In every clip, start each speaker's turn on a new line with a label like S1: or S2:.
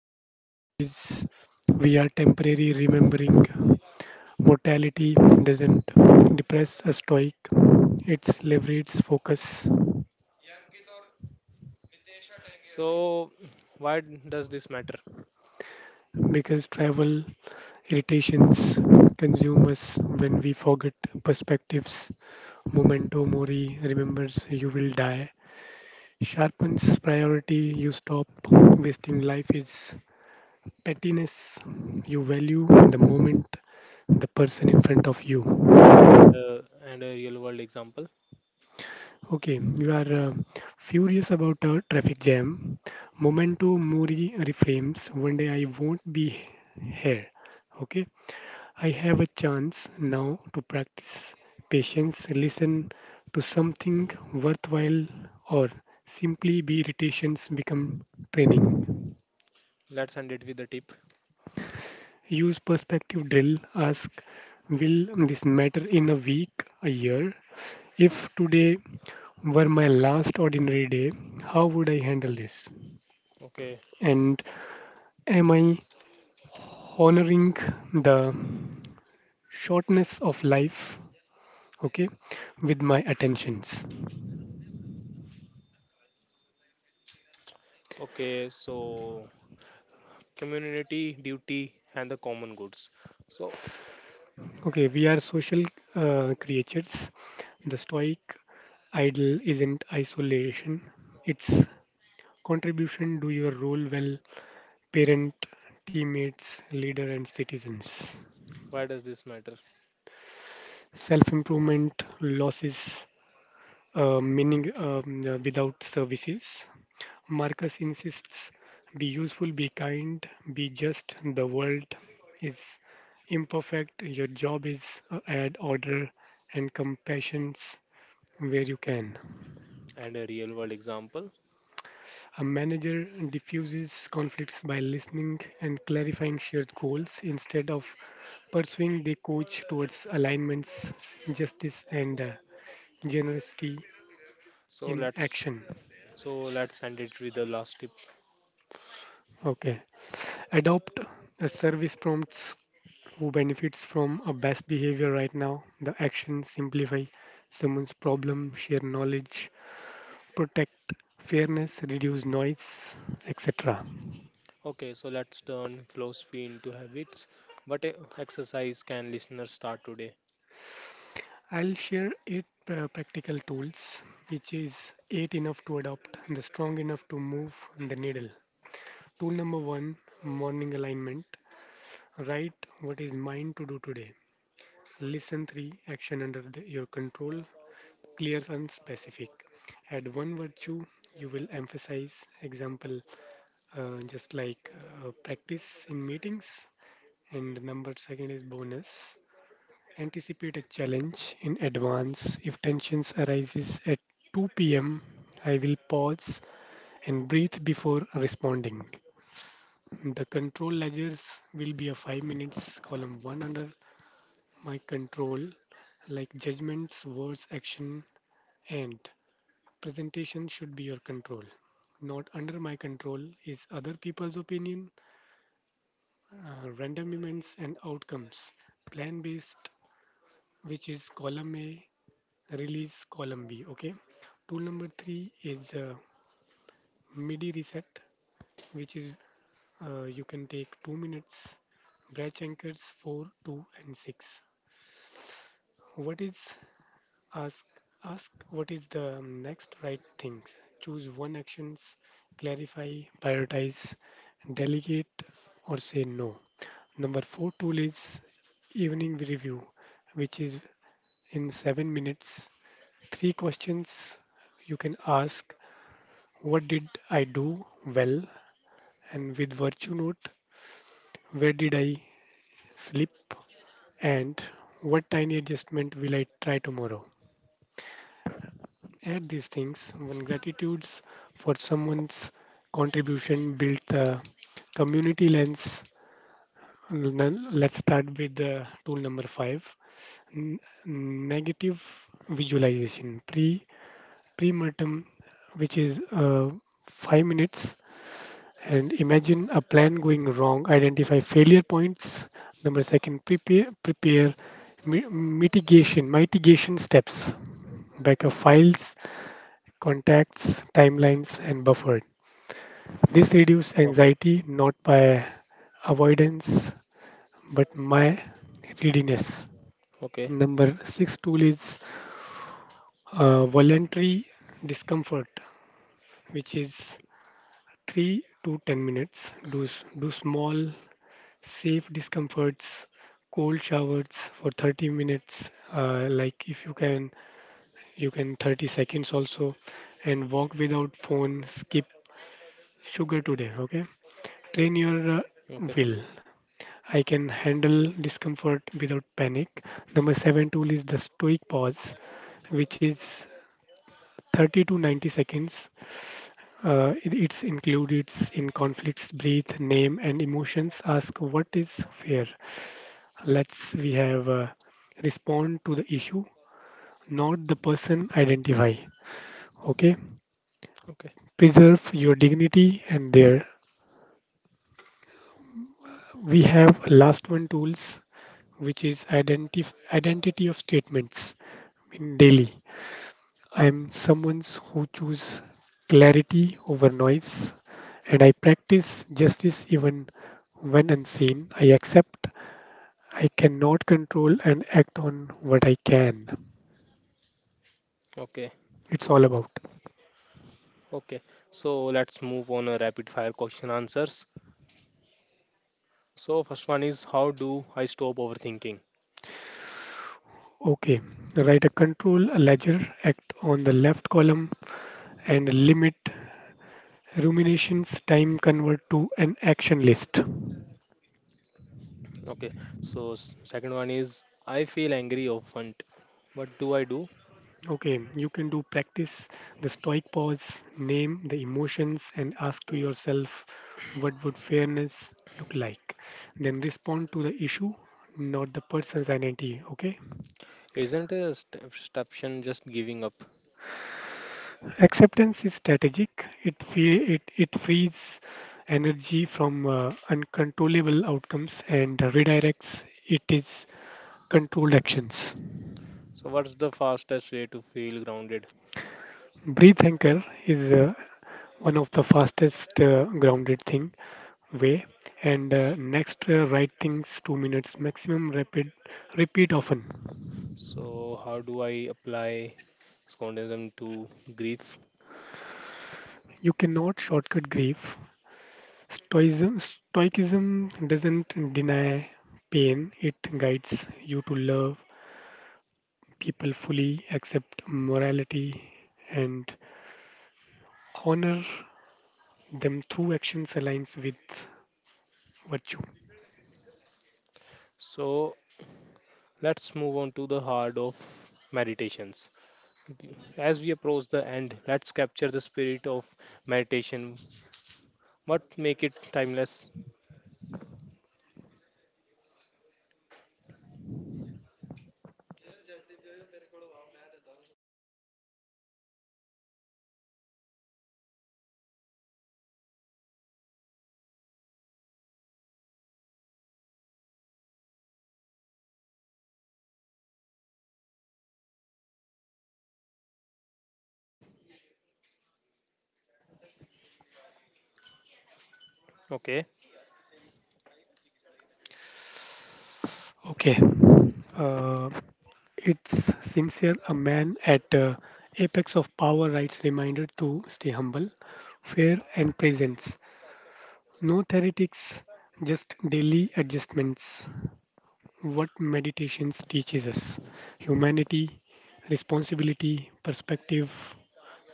S1: Everything changes. We are temporary remembering. Mortality doesn't depress a stoic, it leverages focus
S2: So, why does this matter?
S1: because travel irritations consume us when we forget perspectives. Memento mori remembers you will die. Sharpens priority, you stop wasting life is pettiness. You value the moment, the person in front of you.
S2: And a real world example.
S1: Okay, you are furious about a traffic jam. Momento mori reframes. One day I won't be here. Okay, I have a chance now to practice patience, listen to something worthwhile, or simply be irritations become training.
S2: Let's end it with a tip.
S1: Use perspective drill. Ask, will this matter in a week, a year? If today were my last ordinary day, how would I handle this?
S2: Okay,
S1: And am I honoring the shortness of life? Okay, with my attentions.
S2: okay. So, community duty and the common goods. So,
S1: Okay, we are social creatures. The Stoic ideal isn't isolation, it's contribution. Do your role well, parent, teammates, leader, and citizens.
S2: why does this matter?
S1: Self improvement losses meaning without services. Marcus insists be useful, be kind, be just. The world is imperfect. Your job is add order and compassion where you can.
S2: And a real world example.
S1: A manager diffuses conflicts by listening and clarifying shared goals instead of pursuing the coach towards alignments, justice, and generosity
S2: So
S1: in
S2: let's
S1: action.
S2: so let's end it with the last tip.
S1: Okay. Adopt a service prompts who benefits from a best behavior right now. The actions simplify someone's problem, share knowledge, protect fairness, reduce noise, etc.
S2: Okay, so let's turn philosophy into habits. But exercise can listeners start today?
S1: I'll share eight practical tools, which is eight enough to adopt and the strong enough to move the needle. Tool number one morning alignment. Write what is mine to do today. Listen three action under the, your control, clear and specific. Add one virtue you will emphasize. Example just like practice in meetings. And number second is bonus. Anticipate a challenge in advance. If tensions arises at 2 p.m., I will pause and breathe before responding. The control ledgers will be a 5 minutes column 1 under my control, like judgments, words, action, and presentation should be your control. Not under my control is other people's opinion random events and outcomes plan based, which is column a, release column b. Okay, tool number three is midi reset, which is you can take 2 minutes, branch anchors 4 2 and six. What is, ask ask what is the next right things, choose one actions, clarify, prioritize, delegate, or say no. Number four tool is evening review, which is in 7 minutes. Three questions you can ask: What did I do well? And with Virtue Note, where did I slip? And what tiny adjustment will I try tomorrow? Add these things. One gratitudes for someone's contribution, build the community lens. Then let's start with the tool number five, n- negative visualization, pre-mortem, which is uh, 5 minutes, and imagine a plan going wrong, identify failure points. Number second, prepare mi- mitigation steps, backup files, contacts, timelines and buffer. This reduces
S2: Okay,
S1: anxiety not by avoidance but my readiness.
S2: okay,
S1: Number 6 tool is voluntary discomfort, which is 3 to 10 minutes. Do, do small, safe discomforts, cold showers for 30 minutes, like if you can, you can 30 seconds also, and walk without phone, skip sugar today, okay? Train your
S2: okay,
S1: will. I can handle discomfort without panic. Number seven tool is the stoic pause, which is 30 to 90 seconds. It's included in conflicts, breathe, name, and emotions. Ask what is fair. Let's we have respond to the issue, not the person. Identify. Okay.
S2: okay,
S1: Preserve your dignity and there. We have last one tools, which is identity of statements in daily. I'm someone who choose clarity over noise and I practice justice even when unseen. I accept I cannot control and act on what I can.
S2: okay.
S1: It's all about.
S2: Okay, so let's move on a rapid fire question answers. So first one is, how do I stop overthinking?
S1: Okay, write a control a ledger, act on the left column, and limit ruminations time convert to an action list.
S2: Okay, so second one is, I feel angry often. What do I do?
S1: Okay, you can do practice the stoic pause, name the emotions, and ask to yourself what would fairness look like. Then respond to the issue, not the person's identity. Okay.
S2: Isn't a stuption just giving up?
S1: Acceptance is strategic. It fe- it frees energy from uncontrollable outcomes and redirects it is controlled actions.
S2: So what's the fastest way to feel grounded?
S1: Breathe anchor is one of the fastest grounded thing way and next right things 2 minutes maximum rapid repeat often.
S2: So how do I apply scontism to grief?
S1: You cannot shortcut grief. Stoicism doesn't deny pain. It guides you to love people fully, accept morality, and honor them through actions aligns with virtue.
S2: So let's move on to the heart of meditations. As we approach the end, let's capture the spirit of meditation. What make it timeless? Okay.
S1: Okay, uh, it's sincere. A man at apex of power writes reminder to stay humble, fair, and presence. No theoretics, just daily adjustments. What meditations teaches us: humanity, responsibility, perspective,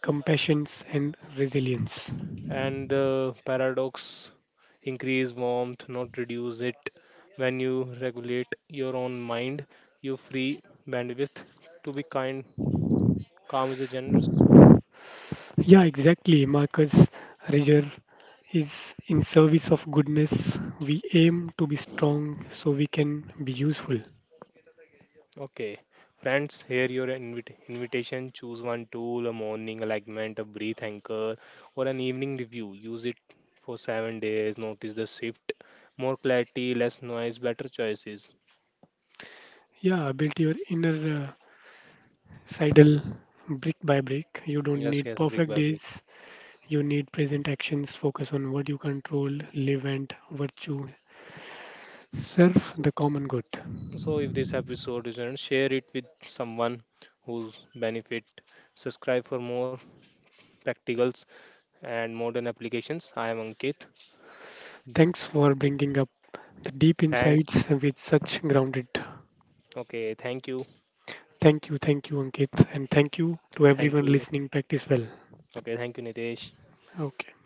S1: compassions and resilience.
S2: And the paradox, increase warmth, not reduce it. When you regulate your own mind, you free bandwidth to be kind. Calm is a generous.
S1: Yeah, exactly. Marcus Reger is in service of goodness. We aim to be strong so we can be useful.
S2: Okay, friends, here your invitation. Choose one tool, a morning alignment, a breath anchor, or an evening review. Use it for 7 days. Notice the shift, more clarity, less noise, better choices.
S1: Yeah, build your inner sidle brick by brick. You don't
S2: Yes,
S1: need
S2: yes, brick
S1: perfect
S2: by brick.
S1: days. You need present actions. Focus on what you control, live and virtue. Serve
S2: So,
S1: the common good.
S2: so, if this episode isn't, share it with someone who's benefit. Subscribe for more practicals and modern applications. I am Ankit.
S1: Thanks for bringing up the deep
S2: Thanks.
S1: insights with such grounded.
S2: Okay, thank you.
S1: Thank you, Ankit, and thank you to
S2: Thank
S1: everyone
S2: you.
S1: listening. Practice well.
S2: Okay, thank you, Nitesh.
S1: Okay.